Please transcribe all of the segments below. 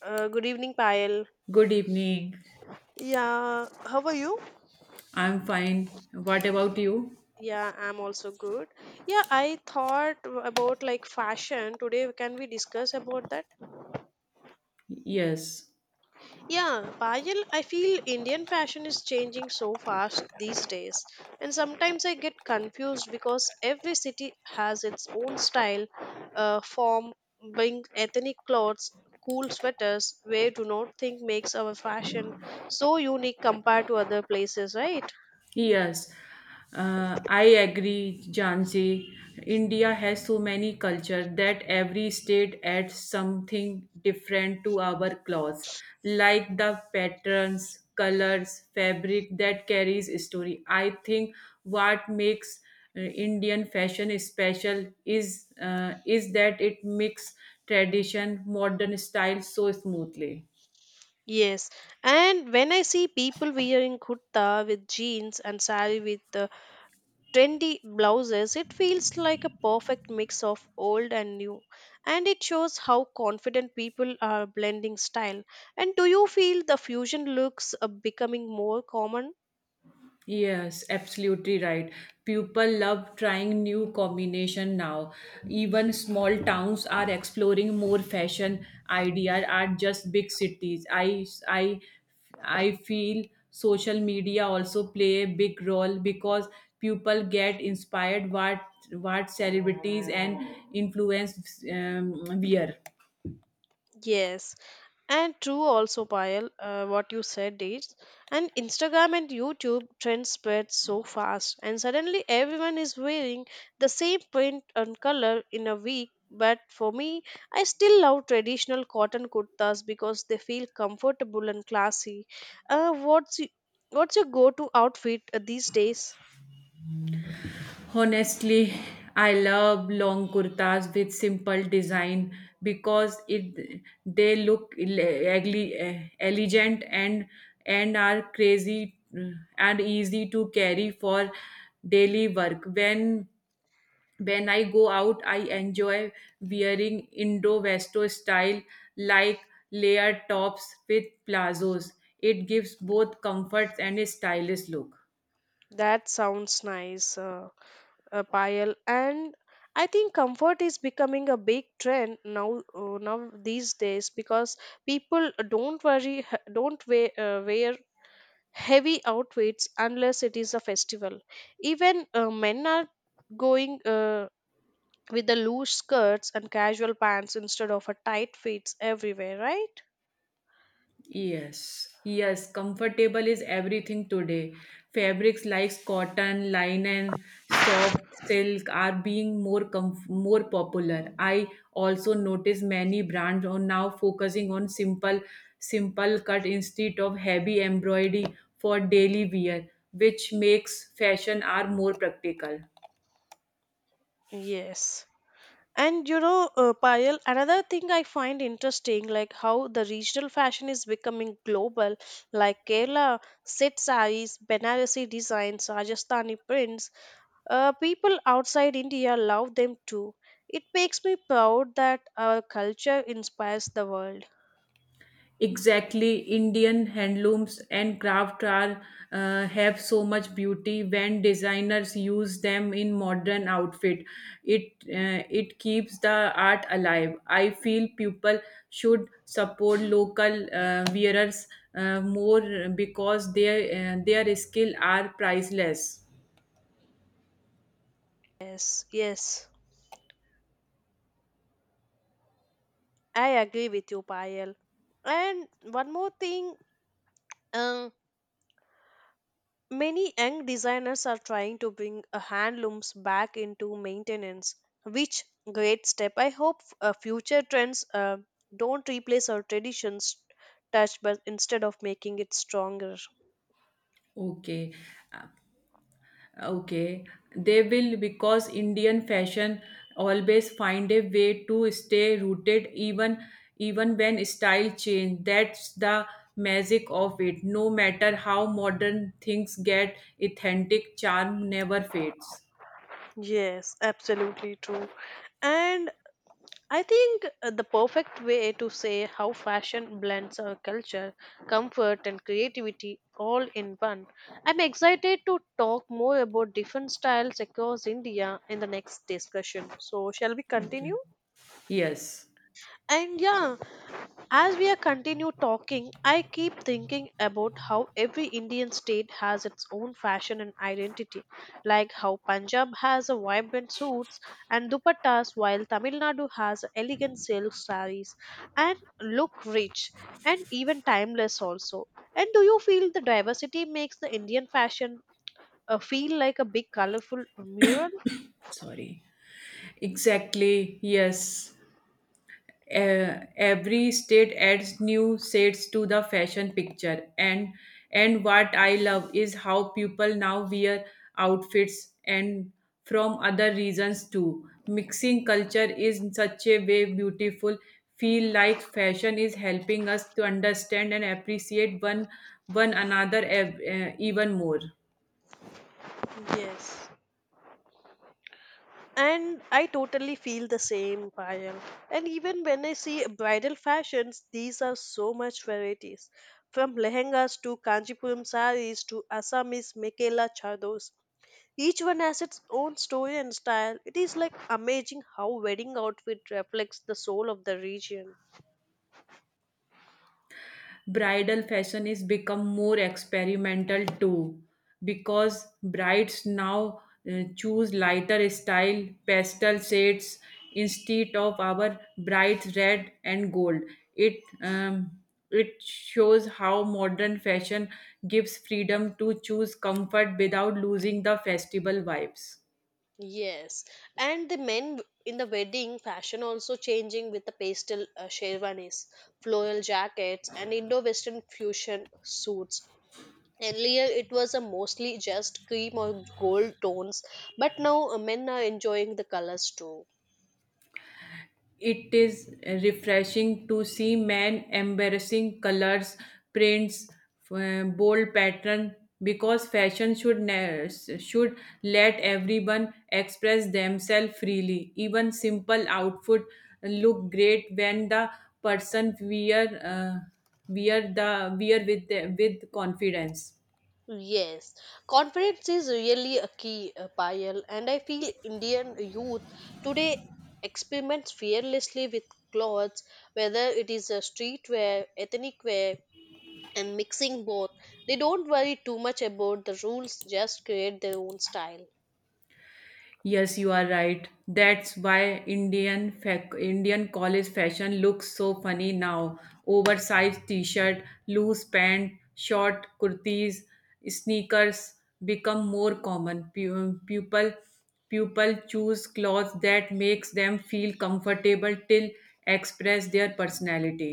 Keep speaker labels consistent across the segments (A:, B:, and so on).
A: Good evening, Payal.
B: Good evening.
A: Yeah, how are you?
B: I'm fine. What about you?
A: Yeah, I'm also good. Yeah, I thought about like fashion today. Can we discuss about that?
B: Yes.
A: Yeah, Payal, I feel Indian fashion is changing so fast these days, and sometimes I get confused because every city has its own style, form, bring ethnic clothes. Cool sweaters, where do not think makes our fashion so unique compared to other places, right?
B: Yes. I agree, Jansi. India has so many culture that every state adds something different to our clothes, like the patterns, colors, fabric that carries story. I think what makes Indian fashion special is that it mix tradition, modern style so smoothly.
A: Yes, and when I see people wearing kurta with jeans and sari with trendy blouses, it feels like a perfect mix of old and new. And it shows how confident people are blending style. And do you feel the fusion looks are becoming more common?
B: Yes, absolutely right. People love trying new combination now. Even small towns are exploring more fashion idea are just big cities. I feel social media also play a big role because people get inspired what celebrities and influence wear.
A: Yes, and true, also, Payal, what you said is, and Instagram and YouTube trends spread so fast, and suddenly everyone is wearing the same print and color in a week. But for me, I still love traditional cotton kurtas because they feel comfortable and classy. Uh, what's y- what's your go-to outfit these days?
B: Honestly, I love long kurtas with simple design because it they look elegant and are crazy and easy to carry for daily work. When I go out, I enjoy wearing Indo-Westo style like layered tops with plazos. It gives both comfort and a stylish look.
A: That sounds nice. Pile and I think comfort is becoming a big trend now these days because people don't worry don't wear, wear heavy outfits unless it is a festival, even men are going with the loose skirts and casual pants instead of a tight fits everywhere, right?
B: Yes, yes, comfortable is everything today. Fabrics like cotton, linen, soft silk are being more more popular. I also notice many brands are now focusing on simple cut instead of heavy embroidery for daily wear, which makes fashion are more practical.
A: Yes, and you know, Payal, another thing I find interesting, like how the regional fashion is becoming global, like Kerala set saris, Banarasi designs, Rajasthani prints. People outside India love them too. It makes me proud that our culture inspires the world.
B: Exactly, Indian handlooms and craft are have so much beauty when designers use them in modern outfit. It keeps the art alive. I feel people should support local wearers more because their skill are priceless.
A: Yes, yes, I agree with you, Payal. And one more thing, um, many young designers are trying to bring handlooms back into maintenance, which great step. I hope future trends don't replace our traditions touch but instead of making it stronger.
B: Okay. Okay, they will because Indian fashion always find a way to stay rooted even when style change. That's the magic of it. No matter how modern things get, authentic charm never fades.
A: Yes, absolutely true. And I think the perfect way to say how fashion blends our culture, comfort, and creativity all in one. I'm excited to talk more about different styles across India in the next discussion. So, shall we
B: Okay.
A: continue?
B: Yes.
A: And yeah, as we are continue talking, I keep thinking about how every Indian state has its own fashion and identity, like how Punjab has a vibrant suits and dupattas, while Tamil Nadu has elegant silk sarees and look rich and even timeless also. And do you feel the diversity makes the Indian fashion feel like a big colorful mural?
B: Sorry. Exactly. Yes. Every state adds new shades to the fashion picture, and what I love is how people now wear outfits and from other regions too. Mixing culture is in such a way beautiful. Feel like fashion is helping us to understand and appreciate one another even more.
A: Yes. And I totally feel the same, Payal. And even when I see bridal fashions, these are so much varieties. From lehengas to Kanchipuram saris to Assamese Mekela chados. Each one has its own story and style. It is like amazing how wedding outfit reflects the soul of the region.
B: Bridal fashion is become more experimental too because brides now choose lighter style pastel shades instead of our bright red and gold. It um, it shows how modern fashion gives freedom to choose comfort without losing the festival vibes.
A: Yes, and the men in the wedding fashion also changing with the pastel sherwanis, floral jackets, and Indo-Western fusion suits. Earlier, it was a mostly just cream or gold tones, but now men are enjoying the colors too.
B: It is refreshing to see men embarrassing colors, prints, bold pattern because fashion should let everyone express themselves freely. Even simple outfit look great when the person wear wear the wear with the, with confidence.
A: Yes, confidence is really a key, Payal, and I feel Indian youth today experiments fearlessly with clothes, whether it is a streetwear, ethnic wear, and mixing both. They don't worry too much about the rules, just create their own style.
B: Yes, you are right. That's why Indian college fashion looks so funny now. Oversized t-shirt, loose pant, short kurtis, sneakers become more common. Pupil choose clothes that makes them feel comfortable till express their personality.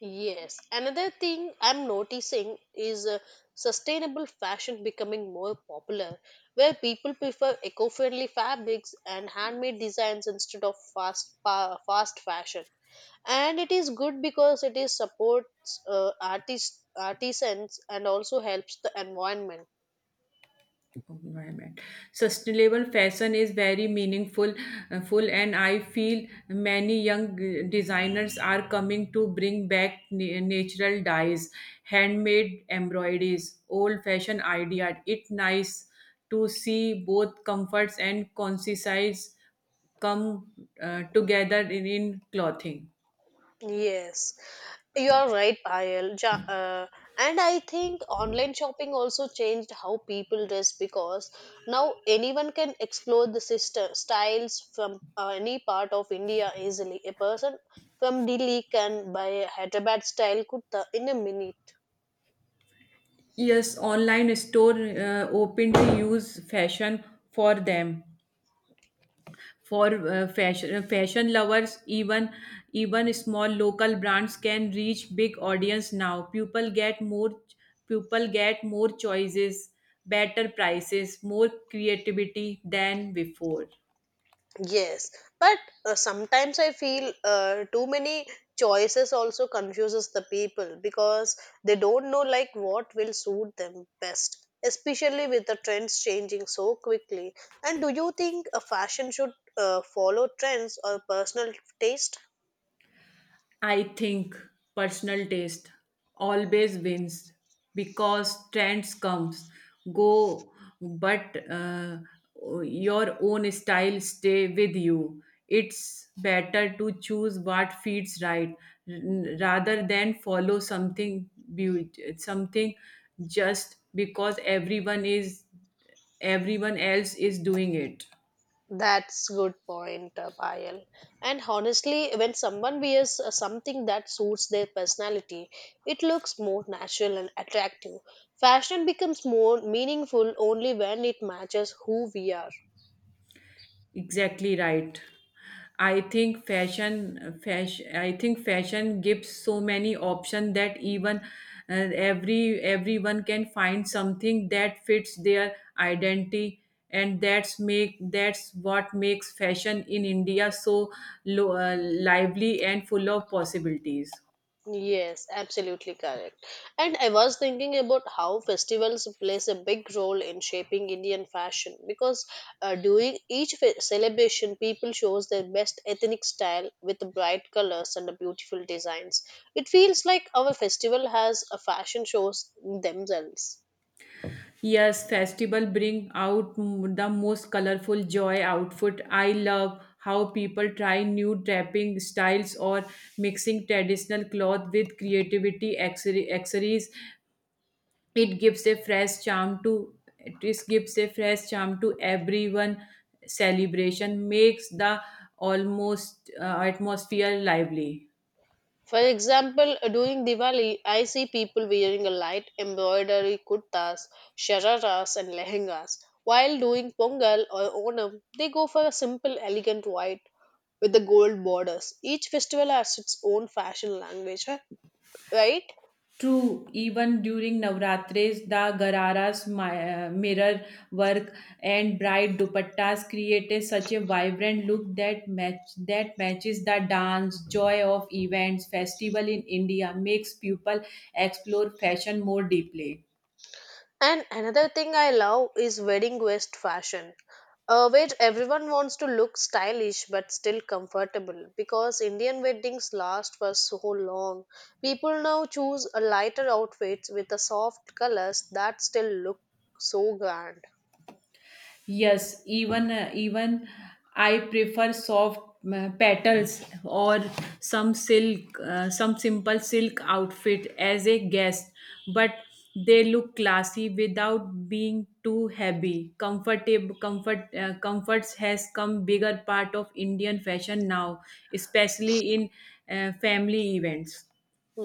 A: Yes. Another thing I'm noticing is sustainable fashion becoming more popular, where people prefer eco-friendly fabrics and handmade designs instead of fast fashion. And it is good because it is supports artists artisans and also helps the environment.
B: Environment. Sustainable fashion is very meaningful, full, and I feel many young designers are coming to bring back natural dyes, handmade embroideries, old-fashioned idea. It nice to see both comforts and concise come together in clothing.
A: Yes, you are right, Payal. And I think online shopping also changed how people dress because now anyone can explore the sister styles from any part of India easily. A person from Delhi can buy a Hyderabad style kurta in a minute.
B: Yes, online store open to use fashion for them. For fashion lovers, even small local brands can reach big audience now. People get more choices, better prices, more creativity than before.
A: Yes, but sometimes I feel too many choices also confuses the people because they don't know like what will suit them best, especially with the trends changing so quickly. And do you think a fashion should follow trends or personal taste?
B: I think personal taste always wins because trends comes go, but your own style stay with you. It's better to choose what feels right, rather than follow beau- something just because everyone else is doing it.
A: That's good point, Payal. And honestly, when someone wears something that suits their personality, it looks more natural and attractive. Fashion becomes more meaningful only when it matches who we are.
B: Exactly right. I think fashion gives so many options that even everyone can find something that fits their identity, and that's what makes fashion in India so lively and full of possibilities.
A: Yes, absolutely correct. And I was thinking about how festivals plays a big role in shaping Indian fashion because during each celebration, people shows their best ethnic style with bright colors and beautiful designs. It feels like our festival has a fashion shows themselves.
B: Yes, festival bring out the most colorful joy outfit. I love how people try new draping styles or mixing traditional cloth with creativity accessories. It gives a fresh charm to it is- gives a fresh charm to everyone. Celebration makes the almost atmosphere lively.
A: For example, during Diwali, I see people wearing a light embroidery kurtas, shararas, and lehengas. While doing Pongal or Onam, they go for a simple, elegant white with the gold borders. Each festival has its own fashion language, right?
B: True, even during Navratris, the Gararas mirror work and bright dupattas created such a vibrant look that matches the dance joy of events. Festival in India makes people explore fashion more deeply.
A: And another thing I love is wedding dress fashion, where everyone wants to look stylish but still comfortable. Because Indian weddings last for so long, people now choose a lighter outfits with the soft colors that still look so grand.
B: Yes, even I prefer soft petals or some simple silk outfit as a guest, but they look classy without being too heavy. Comfortable comfort comforts has come bigger part of Indian fashion now, especially in family events.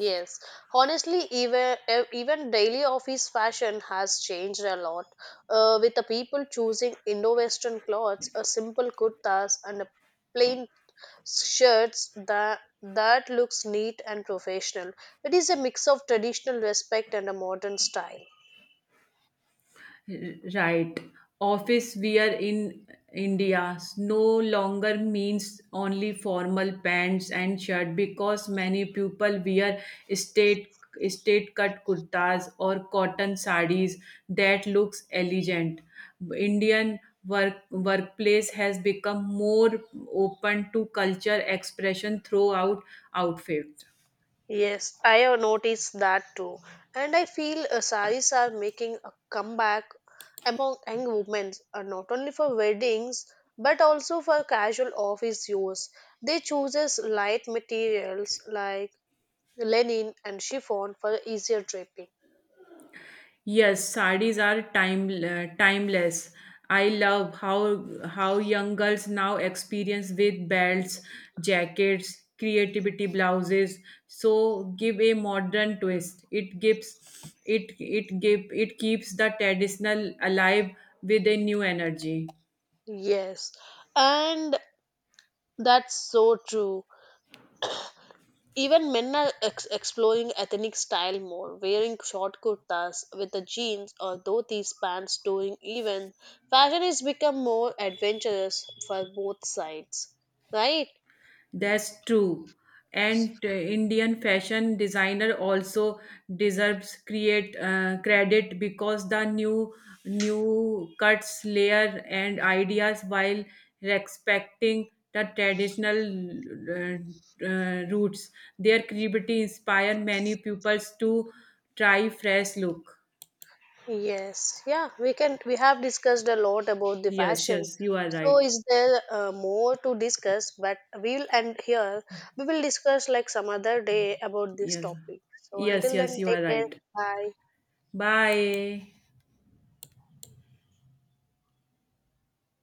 A: Yes, honestly, even daily office fashion has changed a lot, with the people choosing Indo-Western clothes, a simple kurtas, and a plain shirts that looks neat and professional. It is a mix of traditional respect and a modern style.
B: Right. Office wear in India no longer means only formal pants and shirt because many people wear state state cut kurtas or cotton sarees that looks elegant. Indian workplace has become more open to culture expression throughout outfits.
A: Yes, I have noticed that too. And I feel saris are making a comeback among young women, not only for weddings but also for casual office use. They chooses light materials like linen and chiffon for easier draping.
B: Yes, sarees are timeless. I love how young girls now experience with belts, jackets, creativity blouses. So give a modern twist. It gives it it give it keeps the traditional alive with a new energy.
A: Yes, and that's so true. Even men are exploring ethnic style more, wearing short kurtas with the jeans or dhotis pants during events. Fashion has become more adventurous for both sides, right?
B: That's true. And Indian fashion designer also deserves create credit because the new cuts, layer, and ideas while respecting the traditional roots. Their creativity inspire many pupils to try fresh look.
A: Yes, yeah, we can. We have discussed a lot about the
B: Yes,
A: fashion.
B: yes, you are
A: So,
B: right.
A: is there more to discuss? But we'll end here. We will discuss like some other day about this
B: Yes,
A: topic. So,
B: yes,
A: until
B: yes,
A: then,
B: you are
A: take care.
B: right.
A: Bye.
B: Bye.